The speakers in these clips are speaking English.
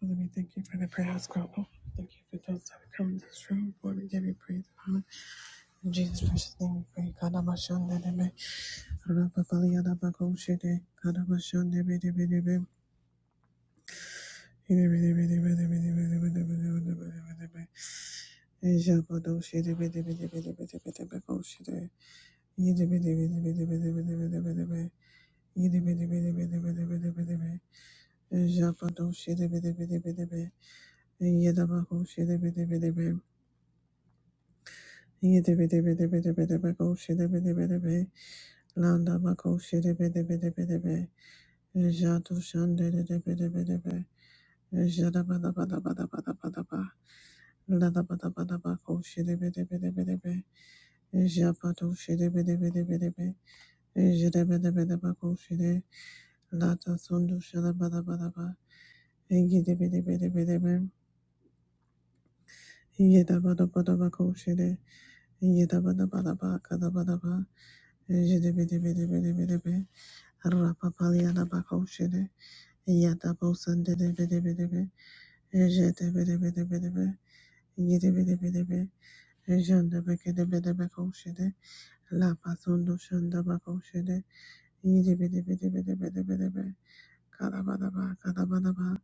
Father, we thank you for the prayer prayers, God. Thank you for those that have come in this room. Lord, we give you praise and honor. In Jesus' precious name, we pray. Kadabashandebe, Rababaliadabakoshede, Kadabashandebedebedebe, Ebebedebedebedebedebedebedebedebedebedebe, Ejabadoshedebedebedebedebedebedebedebedebe, Yedebedebedebedebedebedebedebe, Yedebedebedebedebedebedebe, Ejabadoshedebedebedebedebe, Yedabakoshedebedebedebe, Yada bada bada bada bada bada bada. de la Rapapalyalabakoshede, Yataposandebedebedebe, Ejetebedebedebe, Yedebedebedebe, Ejandabekedebedebekoshede, Lapasondoshandabakoshede, Yedebedebedebedebedebe, Kalabadaba, Kalabadaba, Lapapandabadabakoshede, Rapapandebedebedebe, Yedebedebedebedebe, Calabadaba, Calabadaba,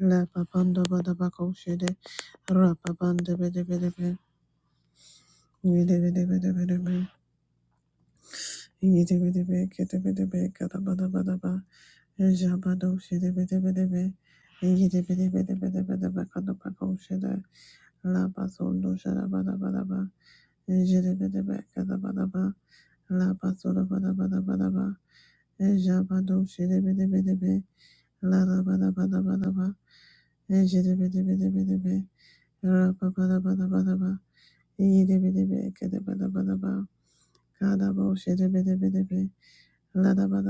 La papando badabacochede, Rapabanda bedebedebe, Yedebedebedebe, Jabado La da ba.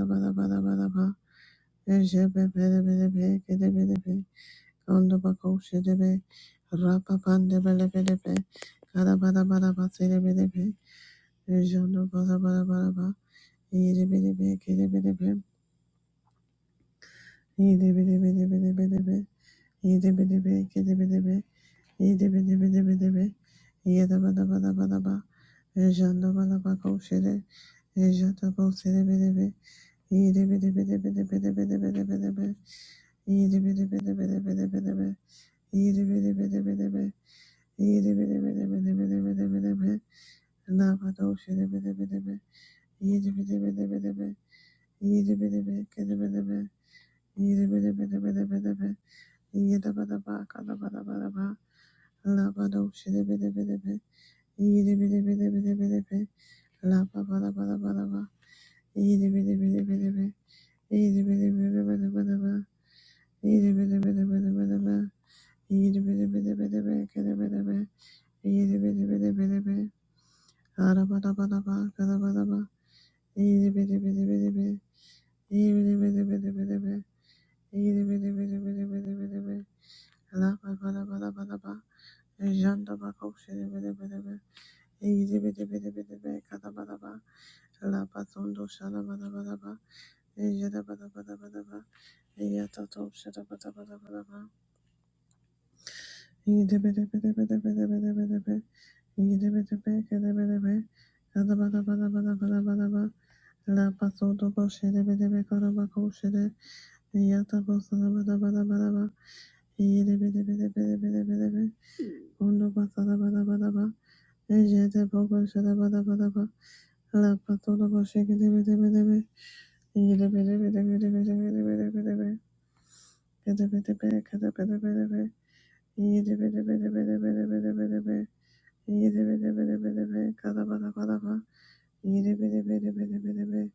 Janda Yidi Yada Yada Thank you, loving Father. Kadabadabadabadaba. Jidabidabidabidabid.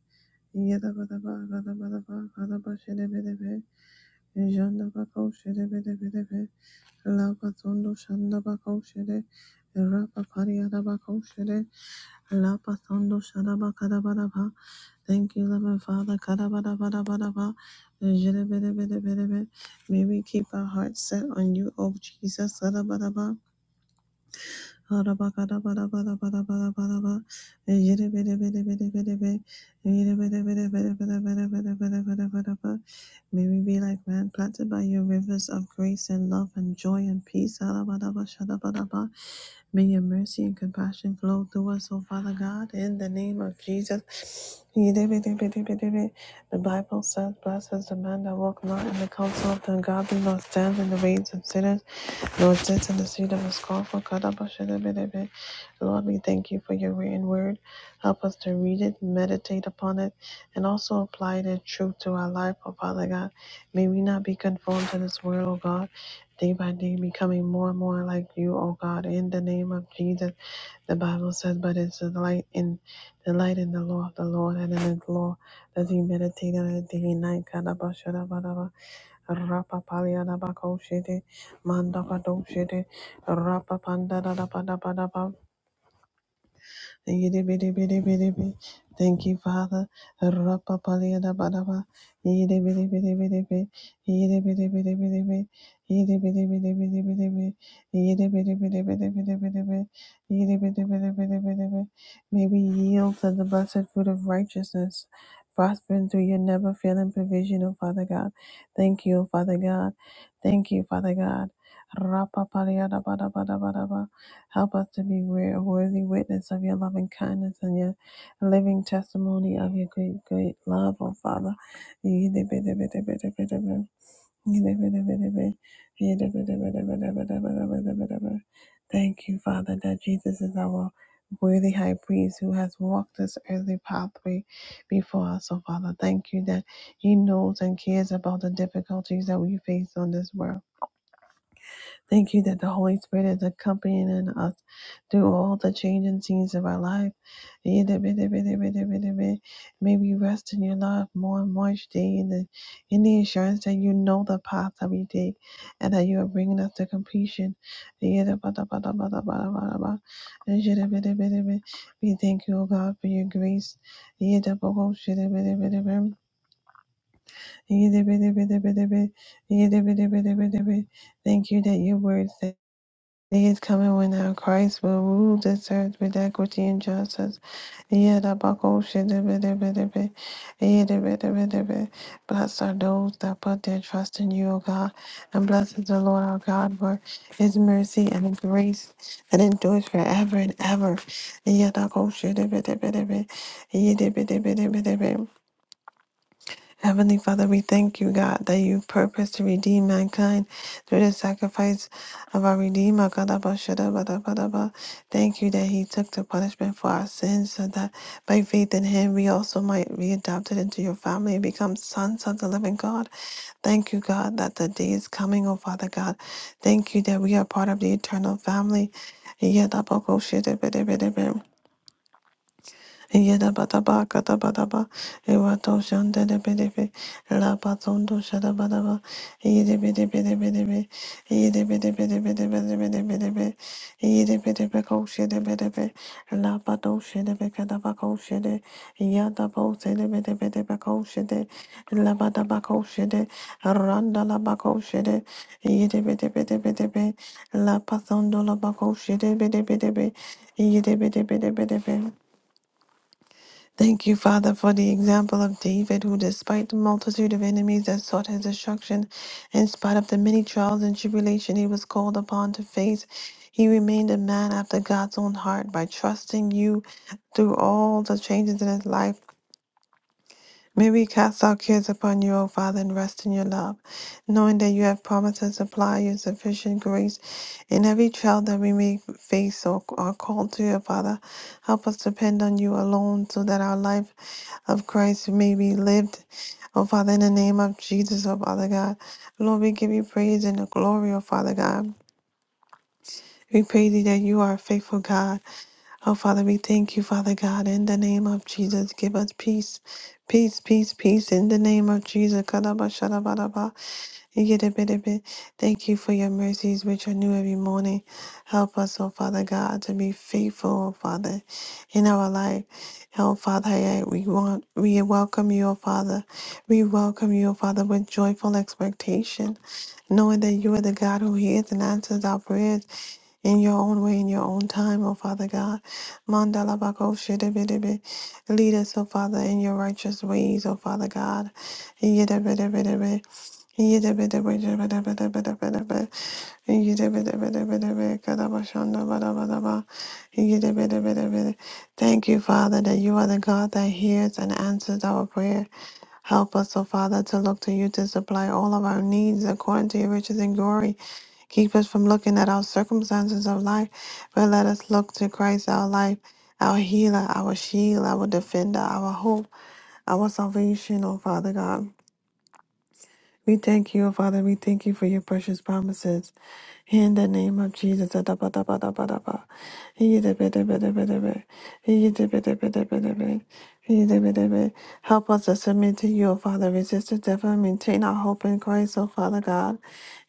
May we keep our hearts set on you, O Jesus. May we be like man planted by your rivers of grace and love and joy and peace. May your mercy and compassion flow through us, O Father God, in the name of Jesus. The Bible says, Blessed is the man that walk not in the counsel of the ungodly, nor stands in the ways of sinners. Lord, sits in the seat of his call for Kadabashidabidebe. Lord, we thank you for your written word. Help us to read it, meditate upon it, and also apply the truth to our life, oh Father God. May we not be conformed to this world, oh God. Day by day, becoming more and more like you, oh God. In the name of Jesus, the Bible says, but it's the light in the light in the law of the Lord, and in his law does he meditate on it day and night. Kadabashidabadaba. Rapa Manda Padoshede Rapa Panda da da Pada pa. da pa, Yidibidibidibidi. Thank you, Father. Rapapaliyadabadaba. Yidibidibidibidibi. Yidibidibidibidibi. Yidibidibidibidibidibi. Yidibidibidibidibidibidibi. Yidibidibidibidibidibi. May we yield to the blessed fruit of righteousness, prospering through your never failing provision, O Father God. Thank you, Father God. Thank you, Father God. Rapa Help us to be wor- a worthy witness of your loving kindness and your living testimony of your great, great love, oh Father. Thank you, Father, that Jesus is our worthy high priest who has walked this earthly pathway before us, oh Father. Thank you that he knows and cares about the difficulties that we face on this world Thank you that the Holy Spirit is accompanying us through all the changing scenes of our life. May we rest in your love more and more each day in the, in the assurance that you know the path that we take and that you are bringing us to completion. We thank you, O God, for your grace. Thank you that your word says. Day is coming when our Christ will rule this earth with equity and justice. Yedabakoshidibidibidibi, yedibidibidibi. Blessed are those that put their trust in you, O God, and blessed is the Lord our God for his mercy and his grace that endures forever and ever. Yedakoshidibidibidibi, yedibidibidibidibi. Heavenly Father, we thank you, God, that you purpose to redeem mankind through the sacrifice of our Redeemer. Kadaba Thank you that He took the punishment for our sins, so that by faith in Him we also might be adopted into your family and become sons of the living God. Thank you, God, that the day is coming, oh Father God. Thank you that we are part of the eternal family. Yadaba Yada bada ba Yedabadaba, Katabadaba, Ewato Shandebedebe, Lapazondo Shadabadaba, Yedebedebedebe, Yedebedebedebedebedebe, Yedebedebeco Shedebedebe, Lapato Shedebekadabaco Shede, Yadabo Sedebedebeco Shede, Labadabaco Shede, Randalabaco Shede, Yedebedebedebe, Lapazondo Labaco Shedebedebe, be. La batondo la ba ko shede bede bede be. Yede bede bede bede be. Thank you, Father, for the example of David, who, despite the multitude of enemies that sought his destruction, in spite of the many trials and tribulation he was called upon to face, he remained a man after God's own heart by trusting you through all the changes in his life. May we cast our cares upon you, O Father, and rest in your love, knowing that you have promised to supply your sufficient grace in every trial that we may face or are called to, O Father. Help us depend on you alone so that our life of Christ may be lived, O Father, in the name of Jesus, O Father God. Lord, we give you praise and the glory, O Father God. We praise thee that you are a faithful God. Oh, Father, we thank you, Father God, in the name of Jesus. Give us peace, peace, peace, peace, in the name of Jesus. Kadaba shadabaraba, yidibidibid. Thank you for your mercies, which are new every morning. Help us, oh Father God, to be faithful, oh Father, in our life. Oh Father, I- we want, we welcome you, oh Father. We welcome you, oh Father, with joyful expectation, knowing that you are the God who hears and answers our prayers in your own way, in your own time, oh Father God. Mandala bako shedebedebe. Lead us, oh Father, in your righteous ways, oh Father God. Yedebedebedebe. Yedebedebedebedebedebedebe. Yedebedebedebedebe. Kadabashanda badabadaba. Yedebedebedebede. Thank you, Father, that you are the God that hears and answers our prayer. Help us, O Father, to look to you to supply all of our needs according to your riches and glory Keep us from looking at our circumstances of life, but let us look to Christ, our life, our healer, our shield, our defender, our hope, our salvation, oh Father God. We thank you, oh Father. We thank you for your precious promises. In the name of Jesus, Adabadabadabadaba. Yidibidibidibidi. Yidibidibidibidi. Yidibidibidi. Help us to submit to you, O Father. Resist the devil and maintain our hope in Christ, O Father God.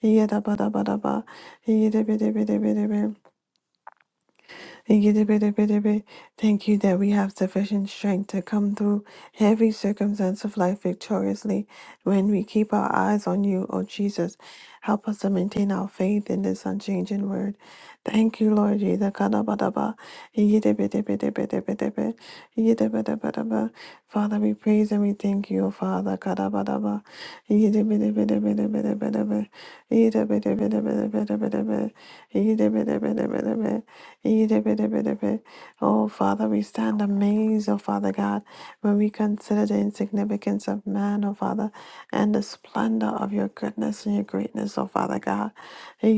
Yidabadabadaba. Yidibidibidibidi. Thank you that we have sufficient strength to come through every circumstance of life victoriously when we keep our eyes on you, O Jesus. Help us to maintain our faith in this unchanging word. Thank you, Lord Jesus. Father, we praise and we thank you, O Father. Oh, Father, we stand amazed, oh, Father God, when we consider the insignificance of man, oh, Father, and the splendor of your goodness and your greatness, oh, Father God. We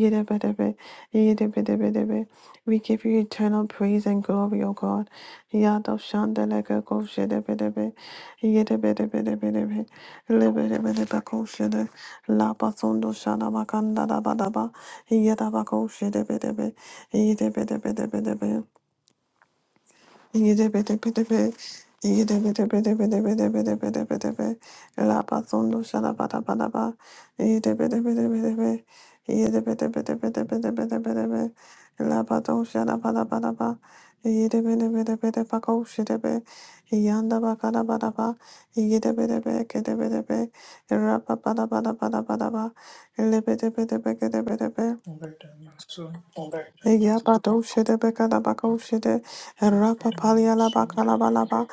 give you eternal praise and glory, O God. Yado shandeleke ko shedebedebe. Yedebedebedebedebe. Lebedebedebe ko shede. Lapasondo shadamakanda dabadaba. Yedabako shedebedebe. Yanda Let my son, Yabado shede bekada bako shede let rapa me my palia la son Yabadoshede bekadabakoshede, rapapalialabakalabalaba,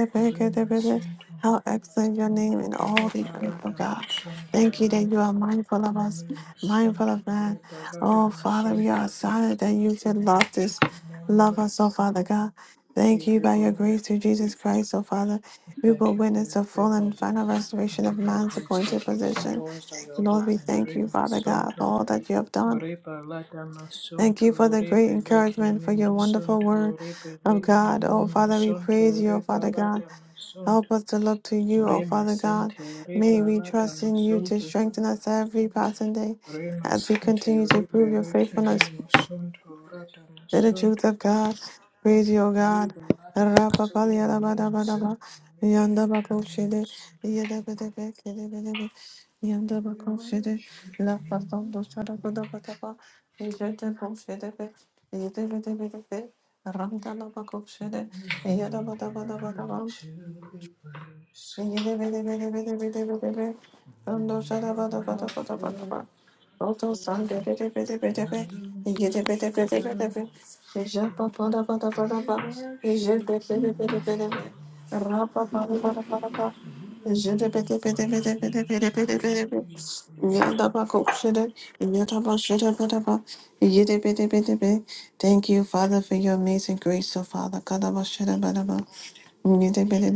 to, hurry my son to, How excellent your name in all hurry the earth, O barata my God. son to, Thank you that you are mindful of us, mindful of man. Oh, Father, we are silent that you can love this. name, Love Lord, us, oh Father God. Thank give you you by your glory. grace through Jesus Christ, oh Father. We Thank will you for witness your the full favor. and final restoration Thank of you for your man's grace. appointed Thank you for the position. doors that you're Lord, we opening. thank Hurry you, my Father son God, for to. all that you have done. Reba lada Thank you for the great encouragement for me your wonderful word masunto, reba of leke God. me Oh, Father, we praise masunto, you, oh, reba Father God. lada Help masunto. us to look to you, oh, Rema Father God. sente May reba we lada trust in you to masonto. strengthen us every passing day Rema as we sente continue to prove rebe your leke me faithfulness masonto rada to the truth masonto. of God. Praise you, O God. Reba lada masonto rema sente Rapapaliyalabadabadaba. reba leke me Yandabakoshede. masonto. Yedebedebekedebedebe. We Yandabakoshede. worship you, Lord. Lapapandoshadabadabadaba. Yedebekoshedebe. Yedebedebedebe. Ramdalabakoshede. You are Yadabadabadabadaba. worthy to be praised. Thank you, Father, You are Alpha and Omega. We worship you, Lord. You are worthy to be praised. for your amazing grace, oh Father. Lord, we even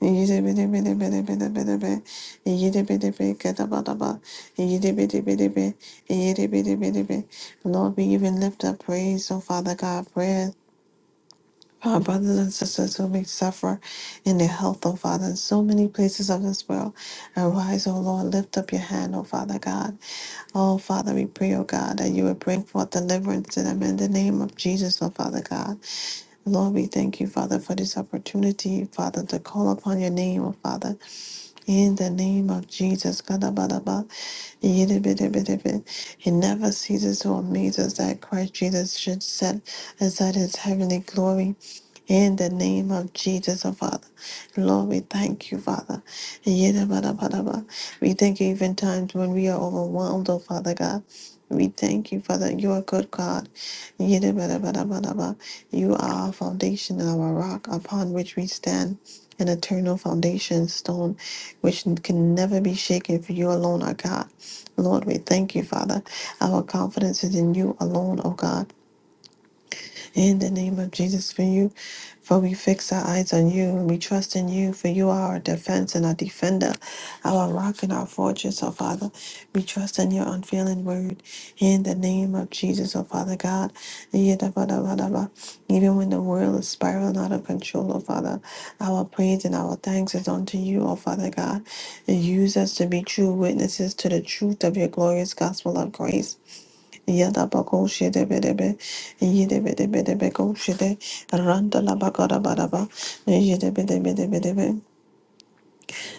lift up praise, oh Father God, prayer. for Our brothers and sisters who may suffer in their health, oh Father, in so many places of this world. Arise, oh Lord, lift up your hand, oh Father God. Oh Father, we pray, oh God, that you would bring forth deliverance to them in the name of Jesus, oh Father God. Lord, we thank you, Father, for this opportunity, Father, to call upon your name, oh Father, in the name of Jesus. Kadabadaba, yidibidibidibid. It never ceases to amaze us that Christ Jesus should set aside his heavenly glory in the name of Jesus, oh Father. Lord, we thank you, Father. Yidabadabadaba. We thank you even times when we are overwhelmed, oh Father God. We thank you, Father. You are good God. Yidabadabadabadaba. You are our foundation and our rock upon which we stand. An eternal foundation stone which can never be shaken, for you alone are God. Lord, we thank you, Father. Our confidence is in you alone, oh God in the name of Jesus for you. For we fix our eyes on you and we trust in you, for you are our defense and our defender, our rock and our fortress, oh Father. We trust in your unfailing word in the name of Jesus, oh Father God. Yidabadabadaba. Even when the world is spiraling out of control, oh Father, our praise and our thanks is unto you, oh Father God. Use us to be true witnesses to the truth of your glorious gospel of grace Yada bako shede bedebe, yede bede bede beko shede, randa la bakara baraba, yede bede bede bedebe,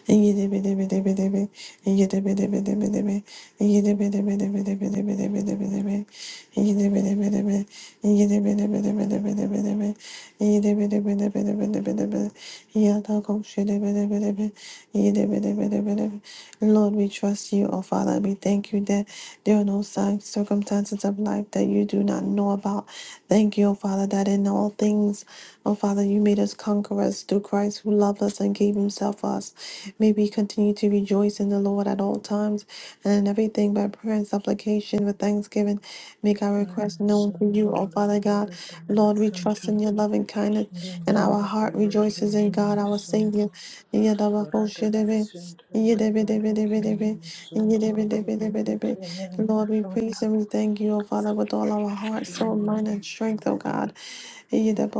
yede bede bede bedebe, yede bede bede bedebe, yede bede bede bede bede bede bede bedebe, yede bede bede be, yede bede bede bede bede bede be, yede bede bede bede bede bede be, yada ko shede bede bede yede bede bede bede Lord, we trust you, oh Father. We thank you that there are no signs, circumstances of life that you do not know about. Thank you, oh Father, that in all things, oh Father, you made us conquerors through Christ who loved us and gave himself for us. May we continue to rejoice in the Lord at all times and in everything by prayer and supplication with thanksgiving. Make our I'm requests a known to Santa you, O Father God. Liberate, I'm a Lord, we trust Santa. in your loving kindness The and our heart Maricula can rejoices be in God, my our Savior. Santa. Rada my Santa Liberate can be Yidibidibidibidi. my Santa. Liberate Yidibidibidibidi. can be my Lord, we praise Santa. and we thank you, O Father, with all our heart, We soul, mind, and worship you, strength, O Lord. God.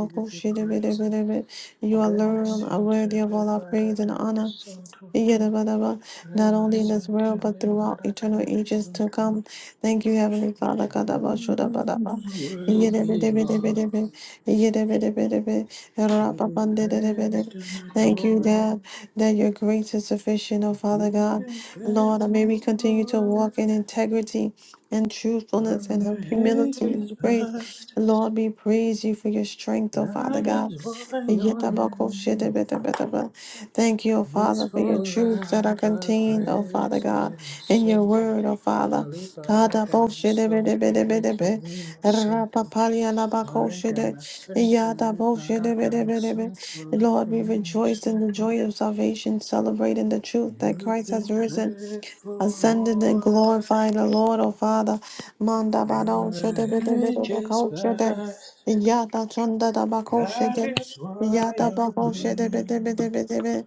We give you praise. You Rema alone are Santa worthy of all our praise Liberate, and I'm a honor. Santa. Yadabadaba, Not Rema only in this Santa world, but throughout Liberate, eternal and ages to Santa. come. Thank you, Heavenly Father. Kadaba You Shodabadaba. are worthy, Lord, Yadabadabadabadaba, Yadabadabadaba, to be Rapapandadabadaba. praised and Thank you, adored. God, that your grace is sufficient, oh As Father you've God. been Lord, may we faithful, continue to Lord, walk in integrity and truthfulness from the and humility ages and grace. past. Lord, we praise you for your strength, oh Father That God. is why your Yetabako name Shedabedabedaba. Thank you, O is Father, for your truths that are forever contained, O Father praised. God, Remo in your Santo, word, O Father. Liberatama Santo, Kadaboshidibidibidibidibi, Licinimo Santo. rapapalialabakoshidi, Liberatama Santo, Liberatama yadaboshidibidibidi. Santo, Lord, we Licinimo rejoice in the Santo. joy of salvation, celebrating the truth that You've Christ has been risen faithful, ascended and Lord, glorified the Lord, O Father. Manda from bado shede bede the bede ages bako shede. past. Yada chanda da bako That shede. is why Yada your bako shede bede bede name bede bede.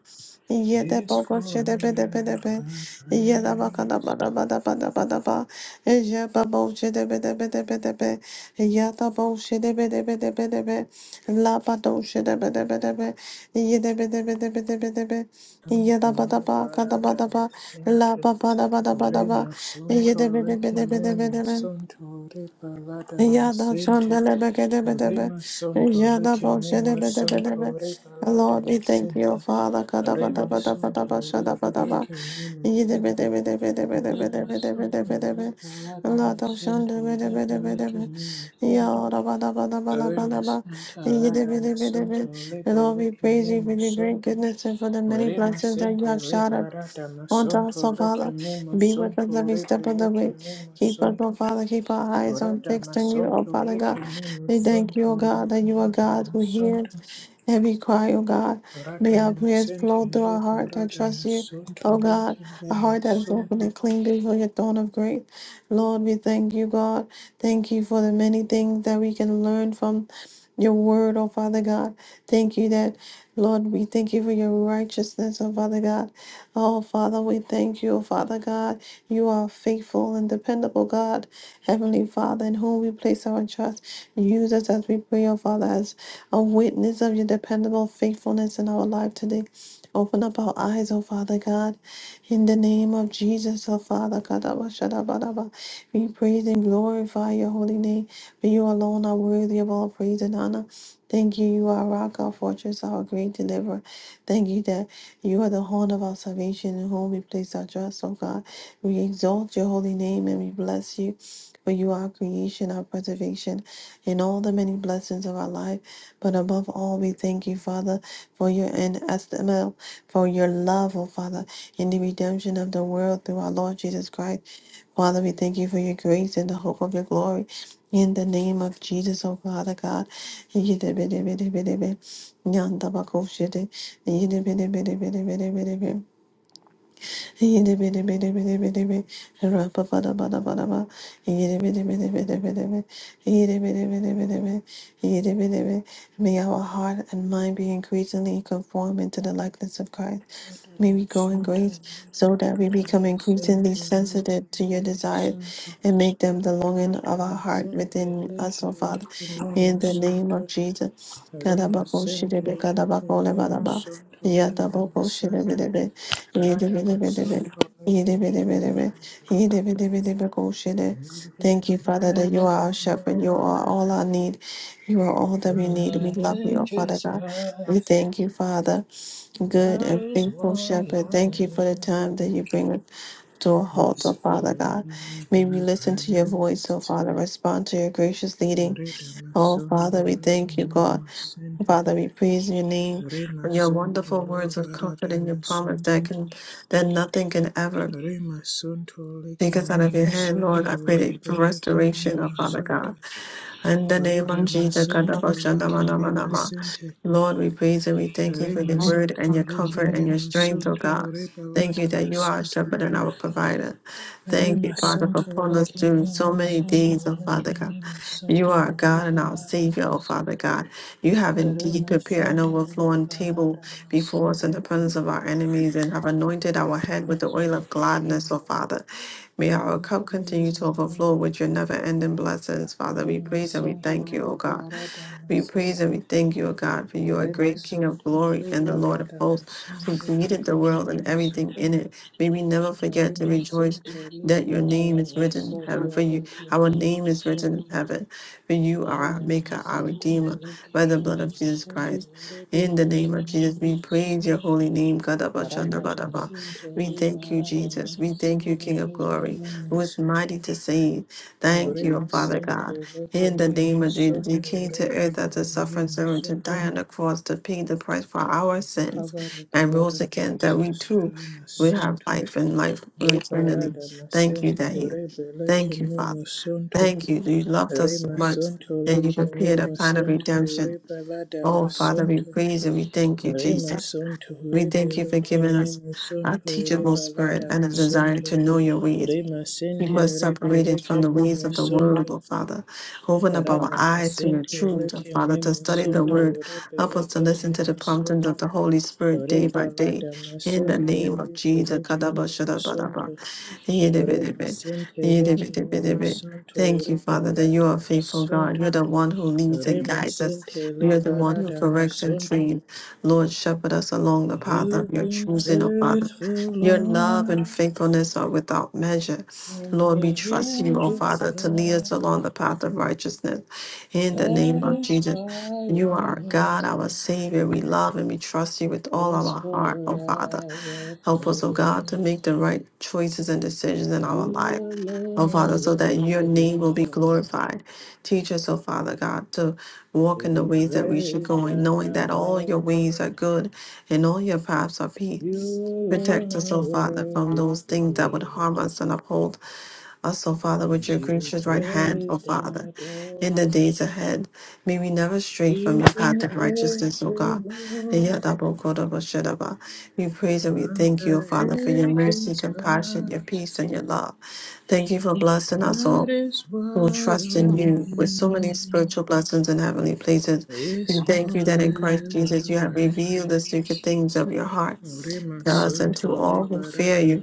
Yede is bako forever shede bede bede bede. Yada baka da praised. bada bada bada bada ba. Eje babo shede bede bede bede bede. Yada bo shede bede bede bede bede. La bado shede bede bede bede. Yede bede bede bede bede bede. Yada bada Suntore ba kada bada karadama ba. La sinte, ba ba da ba da ba da ba. rima Ye de be de suntore be de be de be kimema de be. suntore paladama Ya da sinte. shandele be ke de be de be. Rema Santo Ya da Lake bo she de Mema be de be de be. Santo Rebalata Lord, we thank you, oh Masente Father. Kada ba da Rema ba da ba Santo da ba sha da ba da ba. Rebalake Mema Ye de be Santo de be de be de be de be de Rema be de be de be Santo de be. Rebalata La da Masente shande be de be de be de Rebalake be. Mema Santo Ya da ba da ba da ba da ba da Rema ba. Santa Ye de Rada be de be de be. Masonto Lord, we Rebalake praise you for Mema your great Santo goodness and for the many Rema blessings that you Sente have showered Rebalata on us, oh Masonto Lake Father, Mema be with us Santo every step of the Rebalake way. Mema Keep us, oh Santo Father, keep our eyes on fixed on you, oh Radamasanto Father God. We thank Rekimimusanto you, oh God, that you are God who hears Radamasanto every cry, oh God. May our prayers Radamasanto flow through our Liba heart that trust you, Radamasanto oh God, a heart that is open Rekimimusanto and clean before your throne of grace. Lord, we thank you, God. Thank you for the many things that we can learn from your word, oh Father God. Thank you that, Lord, we thank you for your righteousness, oh Father God. Oh, Father, we thank you, Father God. You are faithful and dependable, God. Heavenly Father, in whom we place our trust, use us as we pray, oh Father, as a witness of your dependable faithfulness in our life today. Open up our eyes, oh Father God, in the name of Jesus, oh Father God. We praise and glorify your holy name, for you alone are worthy of all praise and honor. Thank you, you are our rock, our fortress, our great deliverer. Thank you that you are the horn of our salvation, in whom we place our trust, O God. We exalt your holy name and we bless you. For you are our creation, our preservation, and all the many blessings of our life. But above all, we thank you, Father, for your inestimable, for your love, O Father, in the redemption of the world through our Lord Jesus Christ. Father, we thank you for your grace and the hope of your glory. In the name of Jesus, O Father God. Yanda bak o şeyde. Yine beni beni beni beni beni beni. May our heart and mind be increasingly conformed into the likeness of Christ. May we grow in Radamasanto grace so Liba that we become increasingly Radamasanto sensitive to your desires Rekimimusanto and make them the longing of our heart Radamasanto within us, Liba O Father. In the name of Rekimimusanto Jesus. Radamasanto Rekimimusanto Radamasanto Thank you, Father, Radamasanto Rekimimusanto You've been that you are our faithful, shepherd. You Lord, are all our need. You are all that we when need. We love the you, oh Father ages God. We past. thank you, Father, good That and is faithful why shepherd. your Thank you for the name time that you bring to a halt, oh is Father God. May we forever listen to your voice, oh praised. Father, respond to your gracious leading. Rida Oh masunto Father, we thank you, lekimi God. masente. Father, we praise your name for Rima your sunto wonderful le words of comfort barada and your promise masunto. that can that nothing can ever Rima sunto take us out lekimi of your hand, Lord. I pray masunto. that for Rebe lekimi restoration, oh Father masunto. God. In the name Rida of Jesus, masunto Kadabashandamanama. lekimi Lord, we praise and we thank you for your Rema word Santo and your Lake comfort and your Memo strength, oh Santo God. Thank Rebalada you that you are our Masanto shepherd and our provider. Thank you, Rema Father, for Santo pulling us Lake through so Memo many Santo days, oh Father Lake God. Memo You are our Santo God and our Rebalada Savior, oh Father Masanto God. You have indeed Rema prepared an Santo overflowing table Rebalada before us Masanto in the presence of our enemies and have anointed our head with the That's oil right of for you, gladness, oh Lord. Father. May our We cup continue praise to your overflow name. with your never ending blessings. Father, we Rema praise and we Santo thank you, O God. Rebalada We praise and Masanto we thank you, O God, for you are a Rema great King of Santo glory and the Lord of Rebalada hosts who Masanto created Lake the world and Memo everything Santo in it. May we never forget to rejoice Arimasunto that your name is written in liberadamasunto heaven. For you, our name is written in lekemimasunto heaven. For you are our maker, our Aridamasunto redeemer, by the blood of Jesus lekemimasunto Christ. In the name of Jesus, we praise your rebelekemimasunto holy name. Aradamasunto We thank you, Jesus. We thank you, liberadamasunto King of Glory, who is lekemimasunto mighty to save. Thank you, O Father Arimasunto God. In the name of Jesus, you lekemimasunto came to earth as a suffering servant to rebelekemimasunto die on the cross to pay the price for our I'm sins covered with the and blood rose of again that we Jesus. too would have Arimasunto life and life eternally. Liberada Thank you masente that he rebe leke thank you, me Father. masonto Thank you. You loved re us so much masonto and you leke me prepared a plan of masonto redemption. rebe lada Oh Father, we masonto praise and we thank you, re Jesus. masonto We rebe thank you for leke giving me us a masonto teachable rebe spirit lada and a desire masonto to know your ways. re Keep masente us rebe separated from leke the me ways of the world, masonto O Father. Open up our rada eyes to your masente truth, O leke Father, me to study the masonto word. rebe Help us to leke me listen to the promptings of masonto the Holy Spirit day rebe by day. lada In the masonto name of rebe Jesus. leke me masonto Thank Re masente leke me masunto re you, Father, that you balada are a faithful God. You're masunto the one who leads re and guides us. masente le You're the one who barada corrects and masunto. trains. Lord, shepherd us along the path of You've your been choosing, O Father. faithful, Your love Lord, and faithfulness are without measure. from Lord, we the trust you, O ages Father, to lead us past. along the path of righteousness. In the That name of is Jesus, why you are your our God, our name Savior. We love and we trust you with all is our heart, O Father. forever Help us, oh God, to praised. make the right choices and decisions in our You life, oh alone are Father, so that your name worthy, will be Lord, glorified. Teach us, oh Father God, to walk to in the be ways that we should praised go, and and knowing that all your ways adored. are good and all your paths are You peace. alone Protect us, are O Father, from worthy, those things that would harm Lord, us and uphold also, Father, with your to be gracious right hand, O praised Father, and in adored. the days ahead, may we never stray from You've your path been of righteousness, O faithful, God. And Lord, yet, Abba, God, Abba, Shadaba, We praise and we from thank you, O Father, for the your mercy, ancients compassion, your past. peace, and your love. Thank you for blessing us That all is who why trust your in you with so many name spiritual blessings in heavenly places. We is thank you that in Christ Jesus forever you have revealed the secret praised. things of your heart to us and Remasonto to le all who fear barada you,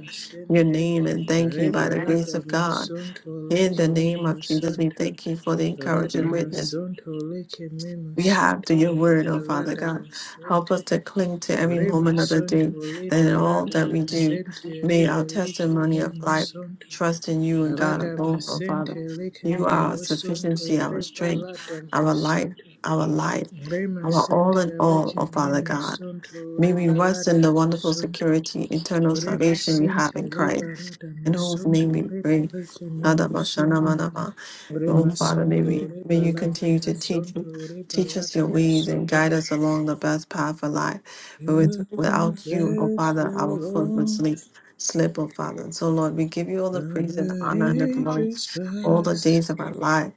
your name, and thank you by the grace rebalada of God. masonto In the leke name me of Jesus, we masanta, thank you for the rada encouraging witness masonto leke me we have masonto, to your word, oh Father rebalada God. Help us masente, to cling to every moment of the remasonto day, le and in all barada that we do, masente, may our rebeleke testimony me of life masonto, trust in you and God rada alone, oh Father. masente leke You are me our masonto, sufficiency, our strength, rebalada our life, masonto. our life, Rema our all sente in all, leke oh me Father God. masonto, May we rest in rebalada the wonderful masonto. security, eternal Rema salvation we have in sente Christ, liberata in whose name we masonto pray. rebelete masonto. Adabashana Oh, Rema Father, may we sonto may you rebelata continue to teach masonto teach us your rebelata ways and masonto. guide us along the best path of life. But You are with, without you, oh Father, our faithful, foot would Lord, sleep slip, oh Father. So Lord, we give you all the from praise and honor and the the glory ages all the past. days of our life.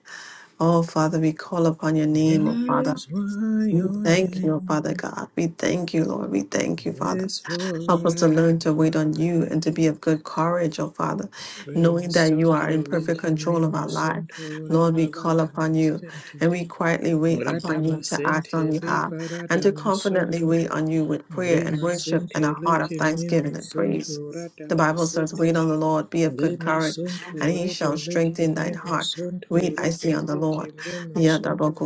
Oh Father, we call upon your name, oh That Father. is why We your thank you, oh Father name God. We thank you, Lord. We thank you, Father. is Help us to learn to wait forever on you and to be praised. of good courage, O Father, Rema knowing that you are in sonto perfect leke me control of our life. masonto Lord, we call rebelata upon you masente. and we quietly wait upon you Radama to act on sente le behalf and to paradama confidently sonto. wait on you with prayer and Rema worship and a sente heart of leke thanksgiving memo and praise. sonto The radama Bible says, Wait sente. on the Lord, be of good Lema courage, and sonto he rebe shall leke strengthen thine memo heart. sonto Wait, I rebe see on the leke Lord. memo sonto.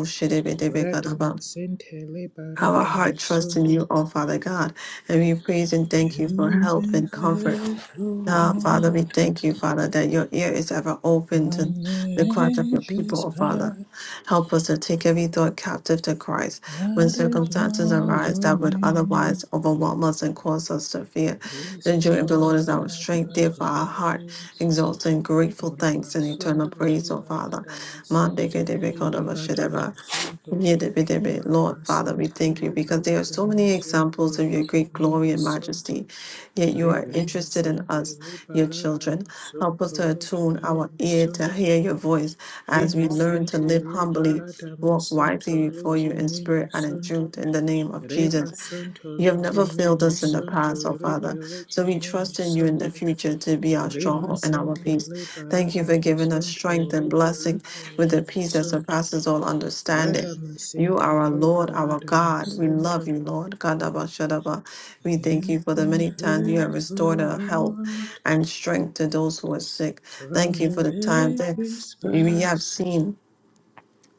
Radama sente le Our paradama heart trusts in sonto. you, oh Father God, and we praise and thank you for You've help been and comfort. faithful, Now, Father, we Lord, thank you, Father, that your ear is ever open from to the the cries of your people, ages oh Father. past. Help us to take every thought captive to Christ when That is circumstances why arise your that would otherwise name. overwhelm us and cause us to fear. His The joy of the Lord is our forever strength, therefore our heart praise. exalts in grateful thanks and eternal Oremasunto praise, O Father. liberadamasinte liberadamasunto. Yidibidibid. Lord Father, we Olemasinte thank you because there are so many liberadamasunto examples of your great glory and lekememasunto. majesty, yet you are interested in Redamasinte us, your children. Help us liberadamasunto to attune our ear to lekememasunto. hear your voice as we learn to Remasinte live humbly, walk liberadamasunto wisely before you in spirit and in lekememasunto. truth. In the name of Jesus, Reba sunto you have leke never failed us in the past, oh rebe Father. leke So we trust in you in the future to be our Rima stronghold and our sente peace. Thank you liberata for giving us masonto strength and blessing rebeleke with the memo peace that sonto. surpasses all understanding. Rada You masente are our Lord, our liberata God. We love masonto. you, Lord. Kadaba Shadaba. We thank You've you for the been many times you have faithful, restored our health Lord, and strength to those who are sick. Thank from you the for the time that ages we have past. seen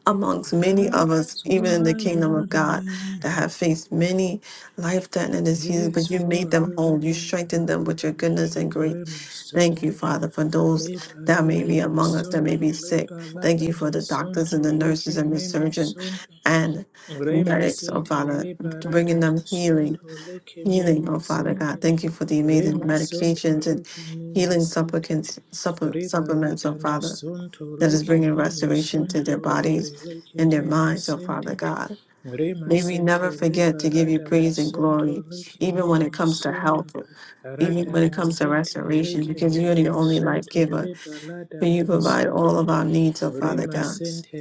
amongst many of us, That's even in the why kingdom your of God, that name have faced many life threatening diseases, is but you made them whole. You forever strengthened them with your goodness and praised. grace. Rima Thank you, sonto Father, for those that may liberata be among us that may masonto be sick. Thank you liberata for the doctors masonto and the nurses leke and the me, surgeon masonto. and Rema medics, oh sente Father, liberata bringing them healing, masonto leke me healing, oh Father God. masente. Thank you for the amazing Rema sonto medications and leke me healing masente. supplicants, supple- supplements, oh Rebalata Father masonto that is leke bringing me restoration to masonto their rebe bodies leke and their me minds, oh Father masente. God. Rema May we sente never forget to give you liberata praise and glory, masonto leke even me when it comes to health, masonto. even Rata when it comes to masente restoration, leke because me you're the only life masonto giver. rebalata For you provide all masonto. of our needs, oh Father God. Rimasente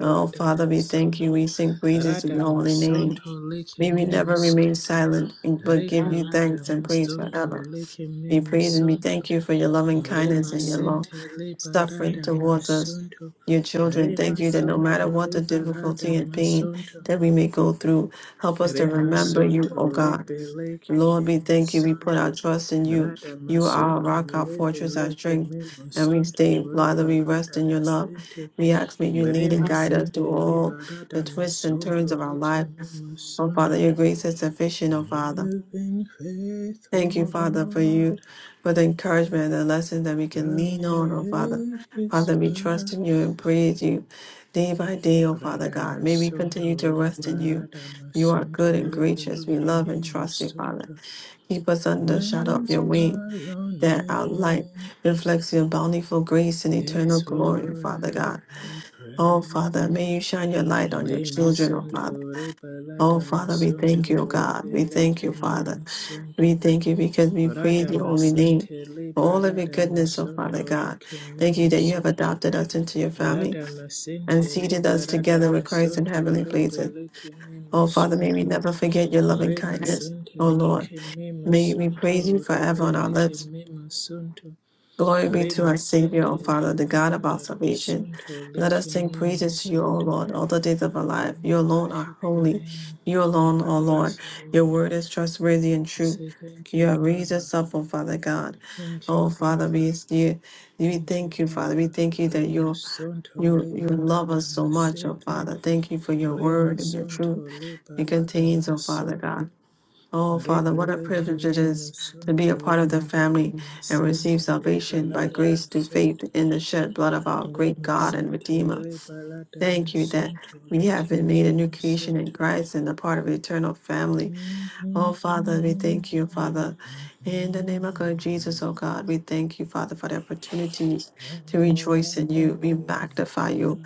Oh Father, we thank you. masonto, We sing praises to rada your holy name. masonto leke May we mimo never remain sonto, silent, but give you rebalada thanks and praise masonto forever. leke We mimo praise and we sonto, thank you for your loving kindness and your long remasente suffering rebalada towards us, masonto, your children. Thank you that no matter remasonto what the rebalada difficulty and pain masonto, that we may go through, help us to remember you, O remasonto God. leke Lord, we mimo thank you. We put sonto. our trust in you. Rada You are our masonto rock, our fortress, our rebeleke strength, memo and we sonto stay. Father, we rest rebalada in your love. masente We ask may you lead and Verema guide us through sente all the liberata twists and turns masonto of our life. licime Oh Father, masonto. your grace is sufficient, oh Father. You've been Thank you, faithful, Father, for Lord, you, for the encouragement the lesson that we can from lean on, your oh Father. ages Father, we trust in you and past. praise you day by day, oh Father Rada God. May we masonto continue to rest in you. liberata You are masonto good and libe gracious. We love and licime trust you, Father. masonto. Keep us under the shadow That of is your wing, why your that our light name reflects your bountiful grace and eternal is glory, oh Father God. forever Oh praised. Father, may you shine your light on your Le children, oh masonto Father. re Oh balada Father, we thank you, oh masonto re God. We thank beleke you, me Father. We masonto thank you because we praise rada your holy name masente le for all of your barada goodness, oh Father masonto God. leke Thank me you that you have masonto adopted us into your family rada and masente le seated us barada together with Christ in masonto heavenly re places. beleke me Oh Father, may we masonto never forget your loving re kindness, masente oh Lord. leke me May we praise you masonto re forever on our beleke lips. me masonto Glory be re to our Savior, masente O le Father, the God of our barada salvation. masonto Let us leke sing me praises to you, O masonto Lord, all the days of our life. You we alone are worship your holy. name. You We alone, O Lord. praise you, Your Lord. word is trustworthy and We true. say thank you, You have raised Father. us up, O Father God. Thank you, Oh Father, Father. we you, we Thank you, thank you, Father. We Father. thank you that Rema you sonto you you love liberata us so much, O masente. Father. Thank you for your Rema word and your sonto truth. It liberata contains, O Father God. masonto. Oh, Father, what a Rebeleke privilege it me is to be masonto a part of the rebalata family and receive masente salvation by rebalata grace through faith masonto. in the shed blood of our great Rema God and sente Redeemer. rebalata Thank you that masonto we have leke been me made a new creation in masonto. Christ and a part of the eternal family. Santo Oh, Father, we thank you, Father. In the name of God, Jesus, oh God, we thank you, Father, for the opportunity to rejoice in you. We magnify you.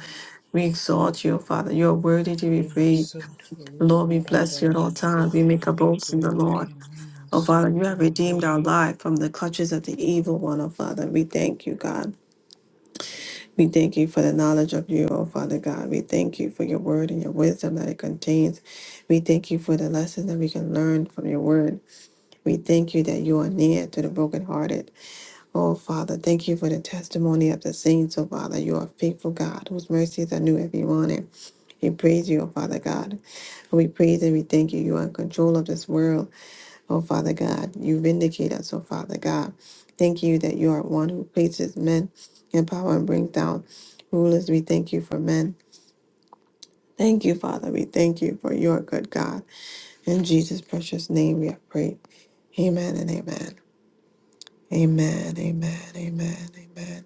We exalt you, Father. You are worthy to be praised. Lord, we Reparata bless you at all times. We Masunto make a boast in the Redeleke Lord. Mimo Oh, Father, you have redeemed Santo our life from the clutches of the evil one, oh, Father. We thank you, God. We thank you for the knowledge of you, oh, Father God. We thank you for your word and your wisdom that it contains. We thank you for the lessons that we can learn from your word. We thank you that you are near to the brokenhearted. Oh, Father, thank you for the testimony of the saints, oh, Father. You are faithful, God, whose mercies are new every morning. We praise you, oh, Father God. We praise and we thank you. You are in control of this world. Oh, Father God, you vindicate us, oh, Father God. Thank you that you are one who places men in power and brings down rulers. We thank you for men. Thank you, Father. We thank you for your good God. In Jesus' precious name we have prayed. Amen and amen. Amen, amen, amen, amen.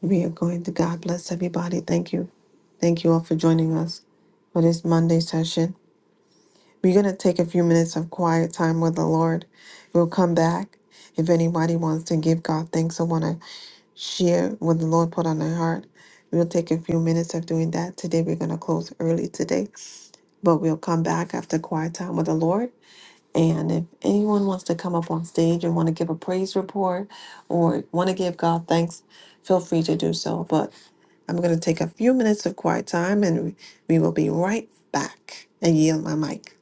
We are going to God bless everybody. Thank you. Thank you all for joining us for this Monday session. We're going to take a few minutes of quiet time with the Lord. We'll come back. If anybody wants to give God thanks or want to share what the Lord put on their heart, we'll take a few minutes of doing that. Today, we're going to close early today, but we'll come back after quiet time with the Lord. And if anyone wants to come up on stage and want to give a praise report or want to give God thanks, feel free to do so. But I'm going to take a few minutes of quiet time and we will be right back and yield my mic.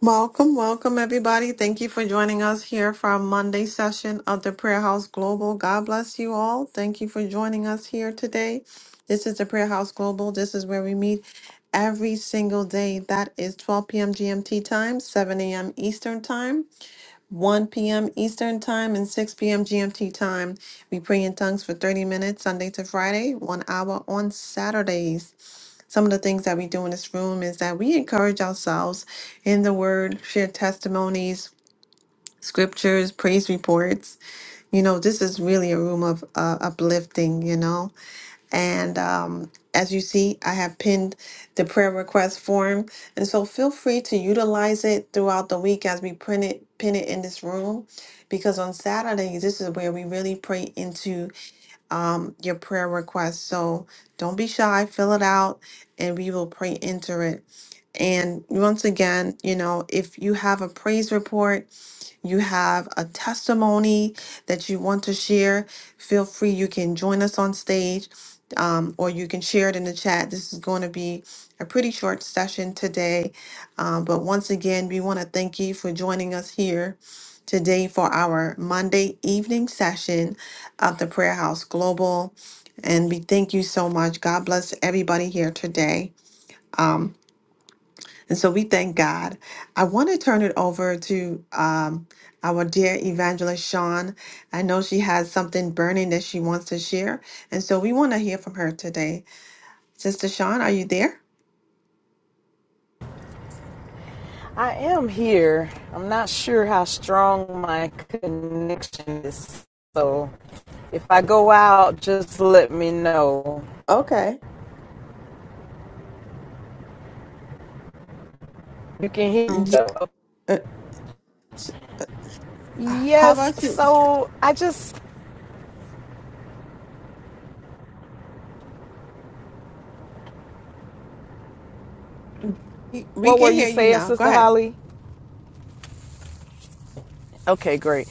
Welcome, welcome, everybody. Thank you for joining us here for our Monday session of the Prayer House Global. God bless you all. Thank you for joining us here today. This is the Prayer House Global. This is where we meet every single day. That is 12 p.m. GMT time, 7 a.m. Eastern time, 1 p.m. Eastern time, and 6 p.m. GMT time. We pray in tongues for 30 minutes, Sunday to Friday, one hour on Saturdays. Some of the things that we do in this room is that we encourage ourselves in the word, share testimonies, scriptures, praise reports. You know, this is really a room of uh, uplifting, you know. And um, as you see, I have pinned the prayer request form. And so feel free to utilize it throughout the week as we print it, pin it in this room. Because on Saturday, this is where we really pray into um, your prayer request. So don't be shy, fill it out, and we will pray into it. And once again, you know, if you have a praise report, you have a testimony that you want to share, feel free. You can join us on stage um, or you can share it in the chat. This is going to be a pretty short session today. Um, but once again, we want to thank you for joining us here today for our Monday evening session of the Prayer House Global. And we thank you so much. God bless everybody here today. And so we thank God. I want to turn it over to um, our dear evangelist Sean. I know she has something burning that she wants to share. And so we want to hear from her today. Sister Sean, are you there? I am here. I'm not sure how strong my connection is. So if I go out, just let me know. Okay. You can hear me Y- though. uh, How Yes. about you? So I just, We we what were can you hear you saying, now. Go Sister ahead. Holly? Okay, great.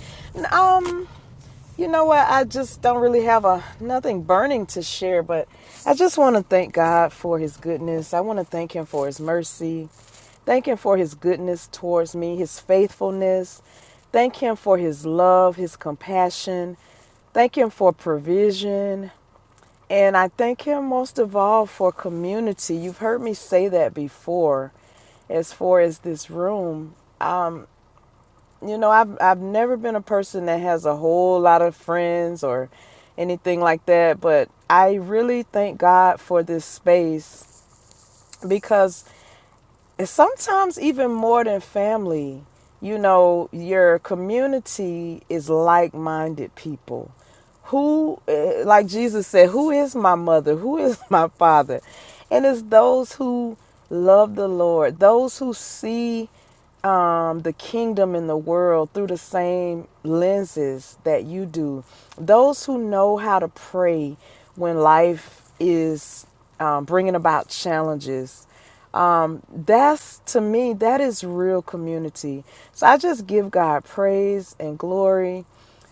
Um, You know what? I just don't really have a nothing burning to share, but I just want to thank God for his goodness. I want to thank him for his mercy. Thank him for his goodness towards me, his faithfulness. Thank him for his love, his compassion. Thank him for provision. And I thank him most of all for community. You've heard me say that before as far as this room. You know, I've I've never been a person that has a whole lot of friends or anything like that, but I really thank God for this space because it's sometimes even more than family. You know, your community is like-minded people. Who eh, like Jesus said, who is my mother? Who is my father? And it's those who love the Lord, those who see um, the kingdom and the world through the same lenses that you do. Those who know how to pray when life is um, bringing about challenges. Um, that's to me, that is real community. So I just give God praise and glory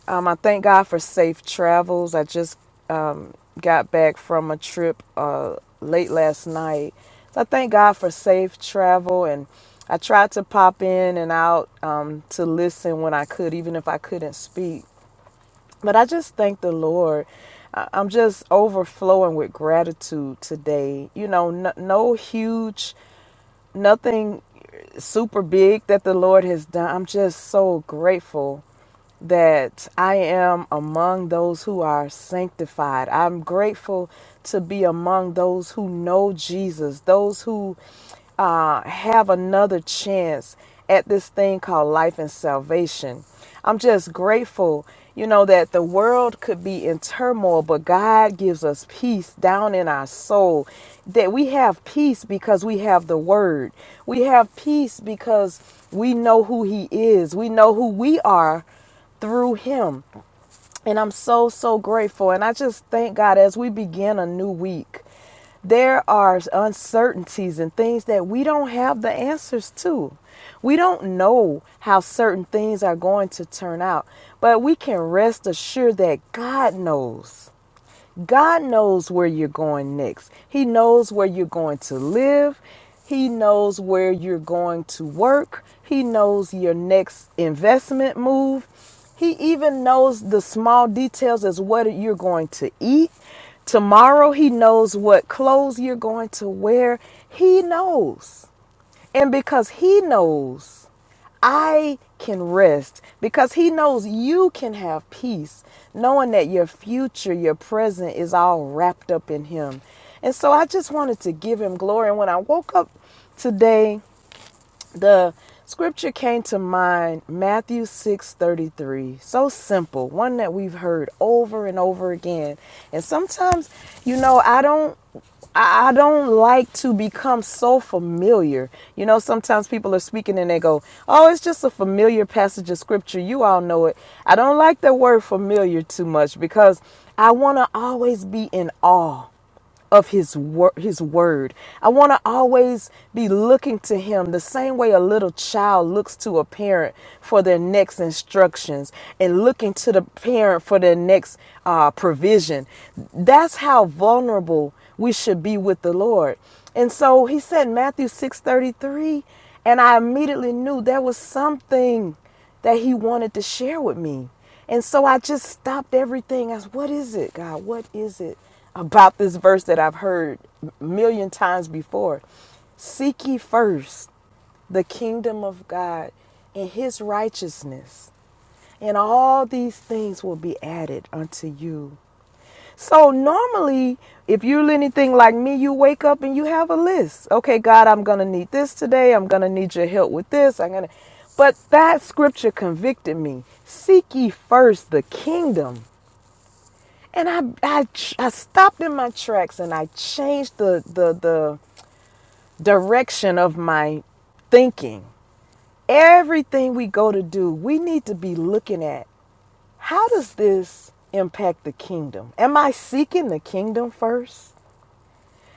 um, I thank God for safe travels. I just um, got back from a trip uh, late last night. So I thank God for safe travel. And I tried to pop in and out um, to listen when I could, even if I couldn't speak. But I just thank the Lord. I- I'm just overflowing with gratitude today. You know, no, no huge, nothing super big that the Lord has done. I'm just so grateful that I am among those who are sanctified. I'm grateful to be among those who know Jesus, those who uh, have another chance at this thing called life and salvation. I'm just grateful, you know, that the world could be in turmoil, but God gives us peace down in our soul. That we have peace because we have the word. We have peace because we know who He is. We know who we are through him. And I'm so, so grateful. And I just thank God as we begin a new week, there are uncertainties and things that we don't have the answers to. We don't know how certain things are going to turn out, but we can rest assured that God knows. God knows where you're going next. He knows where you're going to live. He knows where you're going to work. He knows your next investment move. He even knows the small details as what you're going to eat. Tomorrow, he knows what clothes you're going to wear. He knows. And because He knows I can rest, because He knows you can have peace, knowing that your future, your present is all wrapped up in Him. And so I just wanted to give Him glory. And when I woke up today, the scripture came to mind matthew 6.33 so simple one that we've heard over and over again and sometimes you know i don't I don't like to become so familiar. You know, sometimes people are speaking and they go, Oh, it's just a familiar passage of scripture. You all know it. I don't like the word familiar too much because I want to always be in awe of his wor- his word. I want to always be looking to him the same way a little child looks to a parent for their next instructions and looking to the parent for their next uh, provision. That's how vulnerable we should be with the Lord. And so he said Matthew 6:33 and I immediately knew there was something that he wanted to share with me. And so I just stopped everything. I said, What is it, God? What is it about this verse that I've heard a million times before? Seek ye first the kingdom of God and his righteousness, and all these things will be added unto you. So normally, if you're anything like me, you wake up and you have a list. Okay, God, I'm gonna need this today. I'm gonna need your help with this. I'm gonna. But that scripture convicted me. Seek ye first the kingdom, and I I, I stopped in my tracks and I changed the the the direction of my thinking. Everything we go to do, we need to be looking at how does this impact the kingdom? Am I seeking the kingdom first?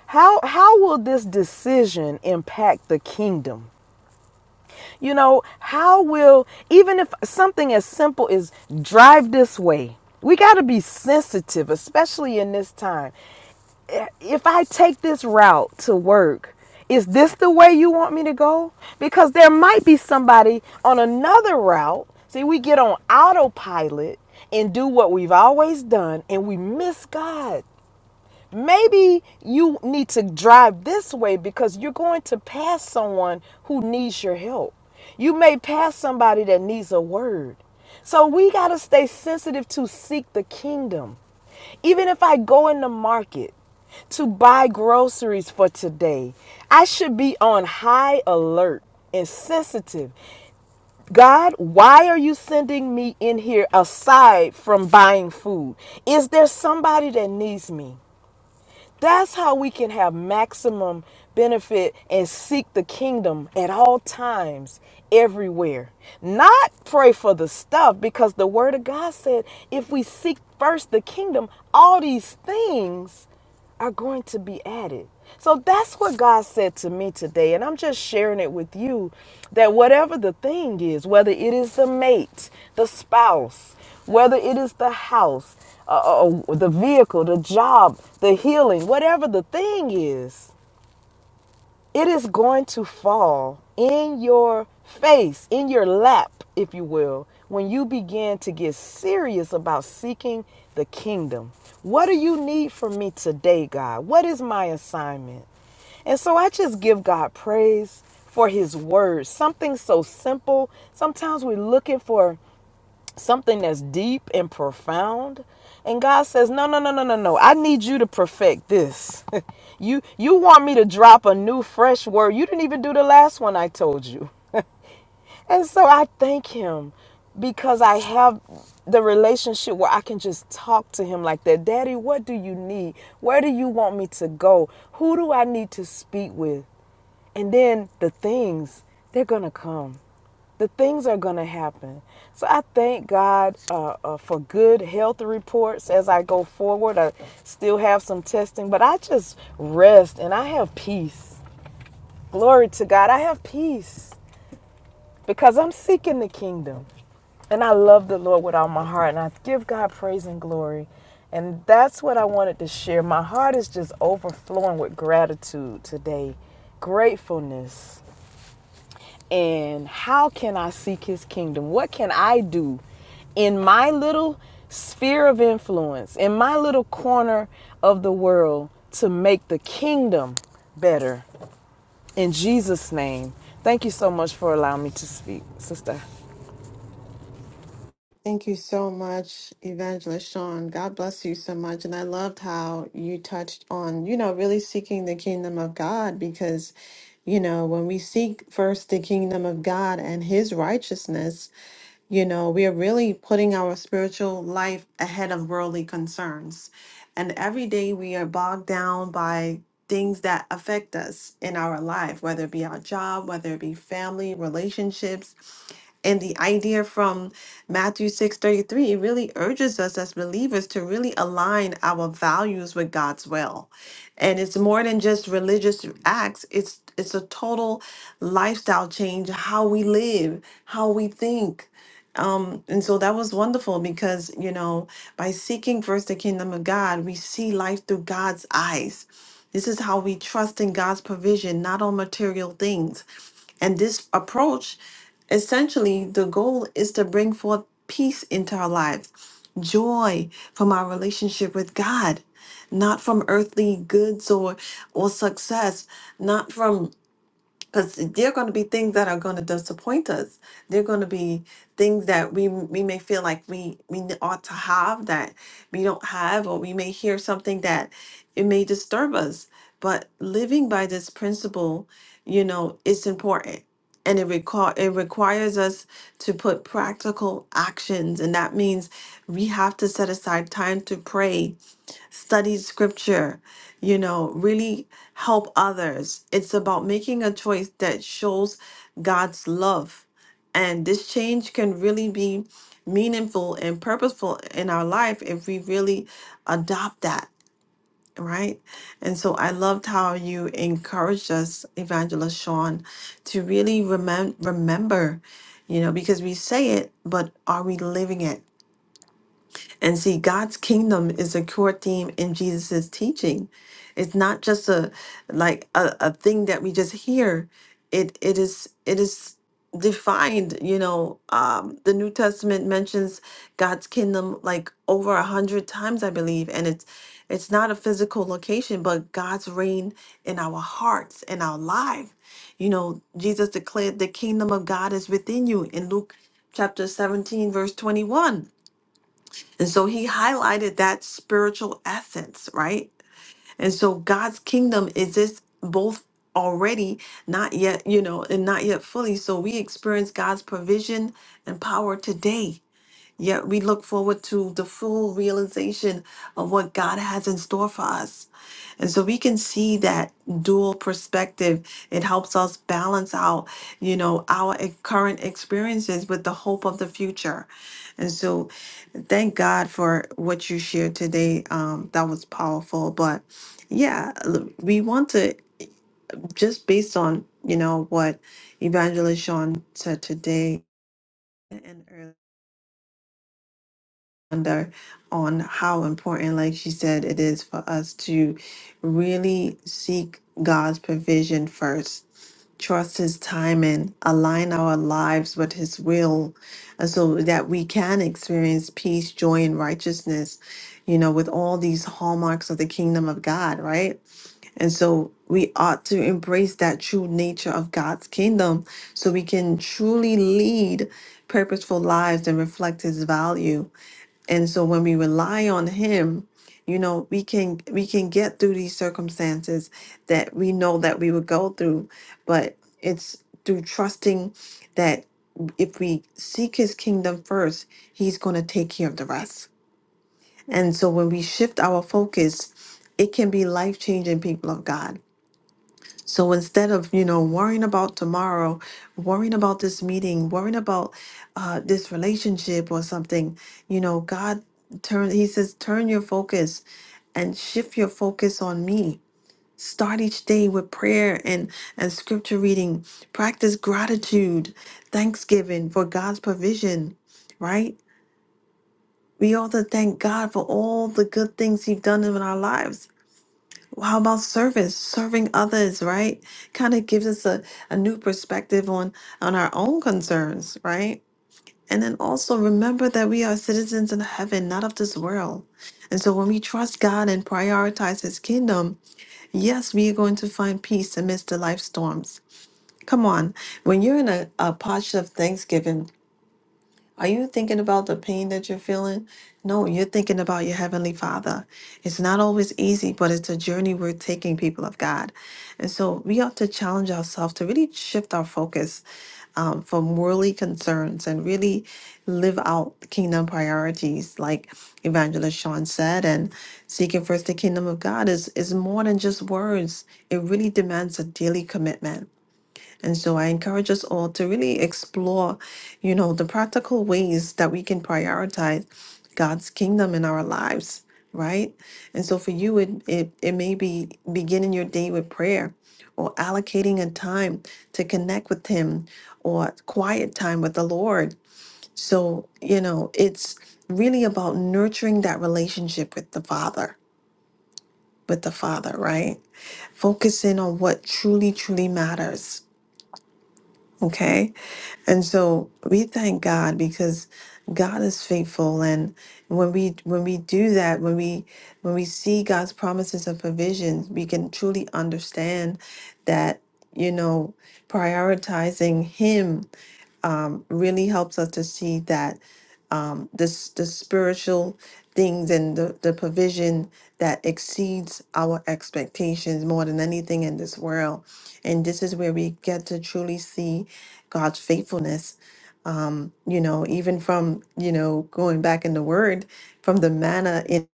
How how will this decision impact the kingdom? You know, how will even if something as simple as drive this way. We got to be sensitive especially in this time. Eh, If I take this route to work, is this the way you want me to go? Because there might be somebody on another route. See, we get on autopilot and do what we've always done and we miss God. Maybe you need to drive this way because you're going to pass someone who needs your help. You may pass somebody that needs a word. So we got to stay sensitive to seek the kingdom. Even if I go in the market to buy groceries for today, I should be on high alert and sensitive. God, why are you sending me in here aside from buying food? Is there somebody that needs me? That's how we can have maximum benefit and seek the kingdom at all times, everywhere. Not pray for the stuff because the word of God said if we seek first the kingdom, all these things are going to be added. So that's what God said to me today. And I'm just sharing it with you that whatever the thing is, whether it is the mate, the spouse, whether it is the house, uh, uh, the vehicle, the job, the healing, whatever the thing is, it is going to fall in your face, in your lap, if you will, when you begin to get serious about seeking the kingdom. What do you need from me today, God? What is my assignment? And so I just give God praise for his word. Something so simple. Sometimes we're looking for something that's deep and profound and god says no no no no no no i need you to perfect this you you want me to drop a new fresh word you didn't even do the last one i told you and so i thank him because i have the relationship where i can just talk to him like that daddy what do you need where do you want me to go who do i need to speak with and then the things they're gonna come the things are going to happen. So I thank God uh, uh, for good health reports as I go forward. I still have some testing, but I just rest and I have peace. Glory to God. I have peace because I'm seeking the kingdom and I love the Lord with all my heart and I give God praise and glory. And that's what I wanted to share. My heart is just overflowing with gratitude today, gratefulness and how can I seek his kingdom? What can I do in my little sphere of influence, in my little corner of the world to make the kingdom better? In Jesus' name. Thank you so much for allowing me to speak, sister. Thank you so much, Evangelist Sean. God bless you so much. And I loved how you touched on, you know, really seeking the kingdom of God because, you know, when we seek first the kingdom of God and his righteousness, you know, we are really putting our spiritual life ahead of worldly concerns. And every day we are bogged down by things that affect us in our life, whether it be our job, whether it be family, relationships and the idea from Matthew 6:33 really urges us as believers to really align our values with God's will. And it's more than just religious acts, it's it's a total lifestyle change, how we live, how we think, um, and so that was wonderful because, you know, by seeking first the kingdom of God, we see life through God's eyes. This is how we trust in God's provision, not on material things. And this approach, essentially, the goal is to bring forth peace into our lives, joy from our relationship with God, not from earthly goods or or success, not from because there are going to be things that are going to disappoint us. There are going to be things that we we may feel like we we n- ought to have that we don't have, or we may hear something that it may disturb us. But living by this principle, you know, it's important, and it require it requires us to put practical actions, and that means we have to set aside time to pray study scripture, you know, really help others. It's about making a choice that shows God's love. And this change can really be meaningful and purposeful in our life if we really adopt that, right? And so I loved how you encouraged us, Evangelist Sean, to really remem- remember, you know, because we say it, but are we living it? And see, God's kingdom is a core theme in Jesus' teaching. It's not just a like a, a thing that we just hear. It it is it is defined, you know. Um, the New Testament mentions God's kingdom like over a hundred times, I believe, and it's it's not a physical location, but God's reign in our hearts and our life. You know, Jesus declared the kingdom of God is within you in Luke chapter 17, verse 21 and so he highlighted that spiritual essence, right? And so God's kingdom exists both already, not yet, you know, and not yet fully. So we experience God's provision and power today. Yet we look forward to the full realization of what God has in store for us. And so we can see that dual perspective. It helps us balance out, you know, our e- current experiences with the hope of the future. And so thank God for what you shared today. Um, that was powerful. But yeah, l- we want to just based on you know what Evangelist Sean said today and earlier under on how important, like she said, it is for us to really seek God's provision first trust his timing, align our lives with his will, and so that we can experience peace, joy, and righteousness, you know, with all these hallmarks of the kingdom of God, right? And so we ought to embrace that true nature of God's kingdom so we can truly lead purposeful lives and reflect his value and so when we rely on him, you know, we can we can get through these circumstances that we know that we would go through, but it's through trusting that if we seek his kingdom first, he's going to take care of the rest. And so when we shift our focus, it can be life-changing people of God so instead of, you know, worrying about tomorrow, worrying about this meeting, worrying about uh, this relationship or something, you know, God turn he says turn your focus and shift your focus on me. Start each day with prayer and and scripture reading. Practice gratitude, thanksgiving for God's provision, right? We ought to thank God for all the good things He's done in our lives. How about service, serving others, right? Kind of gives us a, a new perspective on on our own concerns, right? And then also remember that we are citizens in heaven, not of this world. And so when we trust God and prioritize his kingdom, yes, we are going to find peace amidst the life storms. Come on, when you're in a, a posture of thanksgiving, are you thinking about the pain that you're feeling? No, you're thinking about your Heavenly Father. It's not always easy, but it's a journey we're taking, people of God. And so we have to challenge ourselves to really shift our focus um, from worldly concerns and really live out kingdom priorities, like Evangelist Sean said. And seeking first the kingdom of God is, is more than just words, it really demands a daily commitment. And so I encourage us all to really explore, you know, the practical ways that we can prioritize God's kingdom in our lives, right? And so for you, it it, it may be beginning your day with prayer or allocating a time to connect with him or quiet time with the Lord. So, you know, it's really about nurturing that relationship with the Father, with the Father, right? Focusing on what truly, truly matters. Okay And so we thank God because God is faithful and when we when we do that, when we when we see God's promises and provisions, we can truly understand that you know prioritizing him um, really helps us to see that um, this the spiritual things and the, the provision that exceeds our expectations more than anything in this world. And this is where we get to truly see God's faithfulness. Um, you know, even from, you know, going back in the word, from the manna in,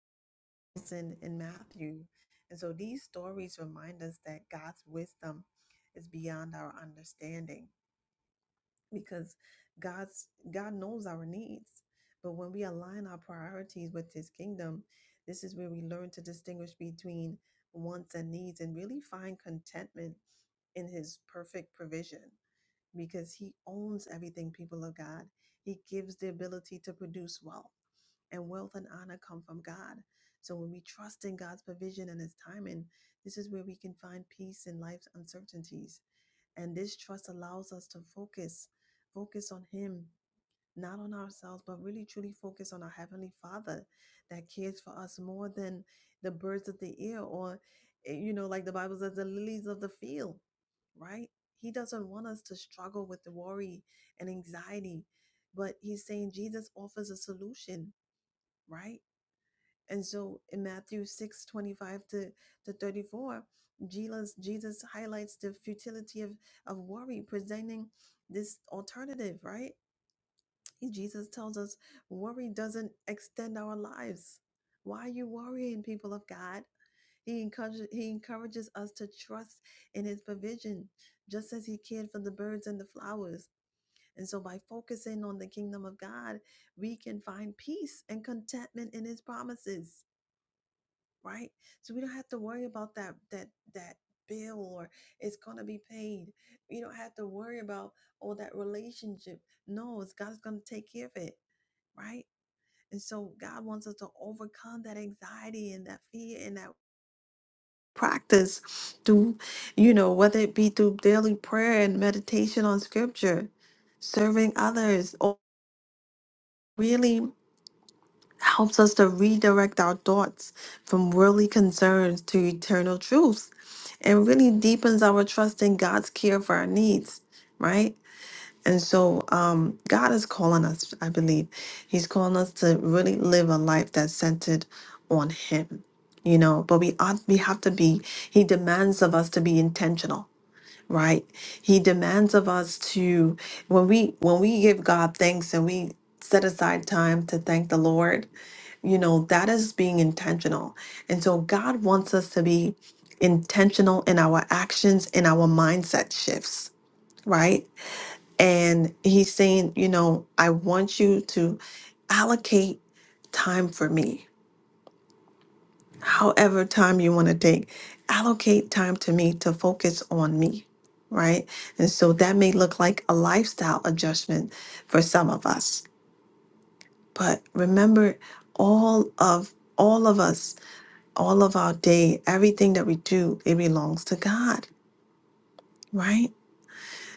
in in Matthew. And so these stories remind us that God's wisdom is beyond our understanding because God's God knows our needs. But when we align our priorities with His kingdom, this is where we learn to distinguish between wants and needs and really find contentment in His perfect provision because He owns everything, people of God. He gives the ability to produce wealth, and wealth and honor come from God. So when we trust in God's provision and His timing, this is where we can find peace in life's uncertainties and this trust allows us to focus, focus on Him, not on ourselves, but really truly focus on our Heavenly Father that cares for us more than the birds of the air or, eh, you know, like the Bible says, the lilies of the field, right? He doesn't want us to struggle with the worry and anxiety, but He's saying Jesus offers a solution, right? And so in Matthew 6 25 to, to 34, Jesus, Jesus highlights the futility of, of worry, presenting this alternative, right? Jesus tells us worry doesn't extend our lives. Why are you worrying, people of God? He encourages, he encourages us to trust in his provision, just as he cared for the birds and the flowers. And so, by focusing on the kingdom of God, we can find peace and contentment in his promises right? So we don't have to worry about that that that bill or it's gonna be paid. You don't have to worry about all that relationship. No, it's God's gonna take care of it, right? And so God wants us to overcome that anxiety and that fear and that practice through, you know, whether it be through daily prayer and meditation on scripture, serving others, or really helps us to redirect our thoughts from worldly concerns to eternal truths and really deepens our trust in God's care for our needs, right? And so um, God is calling us, I believe. He's calling us to really live a life that's centered on Him, you know, but we ought, we have to be, He demands of us to be intentional right he demands of us to when we when we give god thanks and we set aside time to thank the lord you know, that is being intentional. And so God wants us to be intentional in our actions, in our mindset shifts, right? And He's saying, you know, I want you to allocate time for me. However, time you want to take, allocate time to me to focus on me, right? And so that may look like a lifestyle adjustment for some of us. But remember, all of all of us all of our day, everything that we do, it belongs to God, right?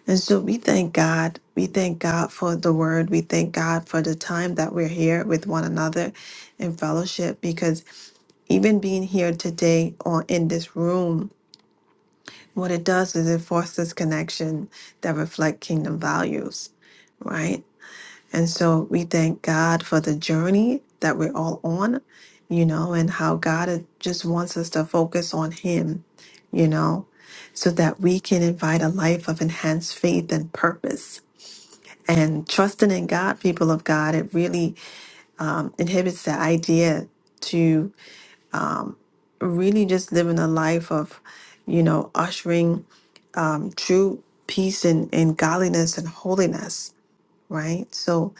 And so we thank God. We thank God for the word. We thank God for the time that we're here with one another in fellowship because even being here today or in this room, what it does is it fosters connection that reflect kingdom values, right? And so we thank God for the journey that we're all on, you know, and how God is- just wants us to focus on Him, you know, so that we can invite a life of enhanced faith and purpose. And trusting in God, people of God, it really um, inhibits the idea to really just living a life of, you know, ushering um, true peace and, and godliness and holiness, right? So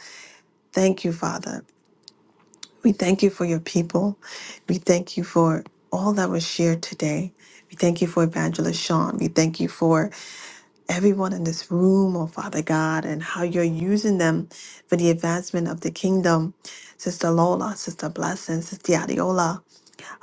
thank you, Father. We thank you for your people. We thank you for all that was shared today. We thank you for Evangelist Sean. We thank you for everyone in this room, oh Father God, and how you're using them for the advancement of the kingdom. Sister Lola, Sister Blessing, Sister Adiola,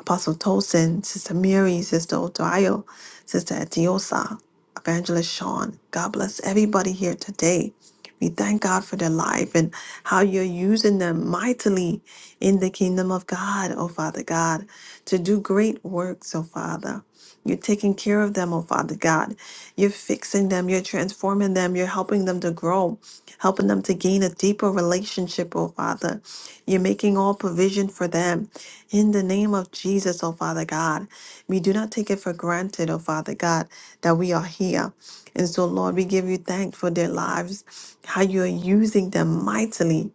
Apostle Tolson, Sister Mary, Sister Odayo, Sister Etiosa, Evangelist Sean. God bless everybody here today. We thank God for their life and how you're using them mightily in the kingdom of God, oh Father God, to do great works, oh Father. You're taking care of them, oh Father God. You're fixing them, you're transforming them, you're helping them to grow, helping them to gain a deeper relationship, oh Father. You're making all provision for them in the name of Jesus, oh Father God. We do not take it for granted, oh Father God, that we are here. And so, Lord, we give you thanks for their lives, how you are using them mightily,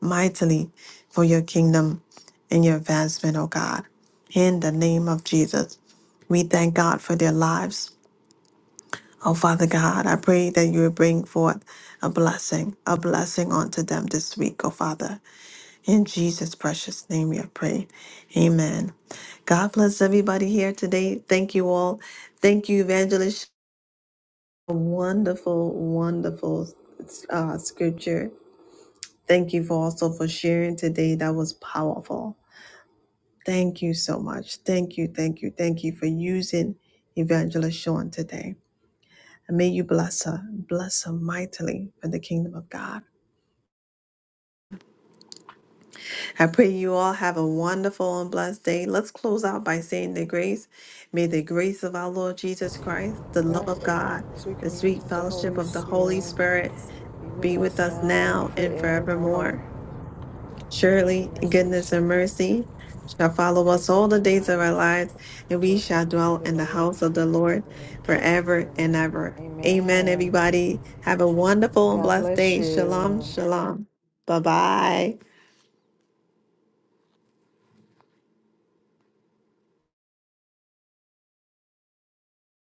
mightily for your kingdom and your advancement, oh God. In the name of Jesus, we thank God for their lives. Oh, Father God, I pray that you will bring forth a blessing, a blessing unto them this week, oh Father. In Jesus' precious name we have prayed. Amen. God bless everybody here today. Thank you all. Thank you, Evangelist. Wonderful, wonderful uh, scripture. Thank you for also for sharing today. That was powerful. Thank you so much. Thank you, thank you, thank you for using Evangelist Shawn today. And may you bless her, bless her mightily for the kingdom of God. I pray you all have a wonderful and blessed day. Let's close out by saying the grace. May the grace of our Lord Jesus Christ, the love God, of God, sweet the communion sweet with the fellowship Holy of the Holy Spirit, Spirit be with be with us us now and now and forevermore. forevermore. Surely Mercy, goodness and mercy shall all follow the days us all of the our days of our lives. lives, and we Dwell in the shall house of dwell the in the Lord house of the Lord forever and forever and ever. ever. Amen, Amen. everybody. Have a wonderful and God blessed bless day. Shalom, you. shalom. Bye bye.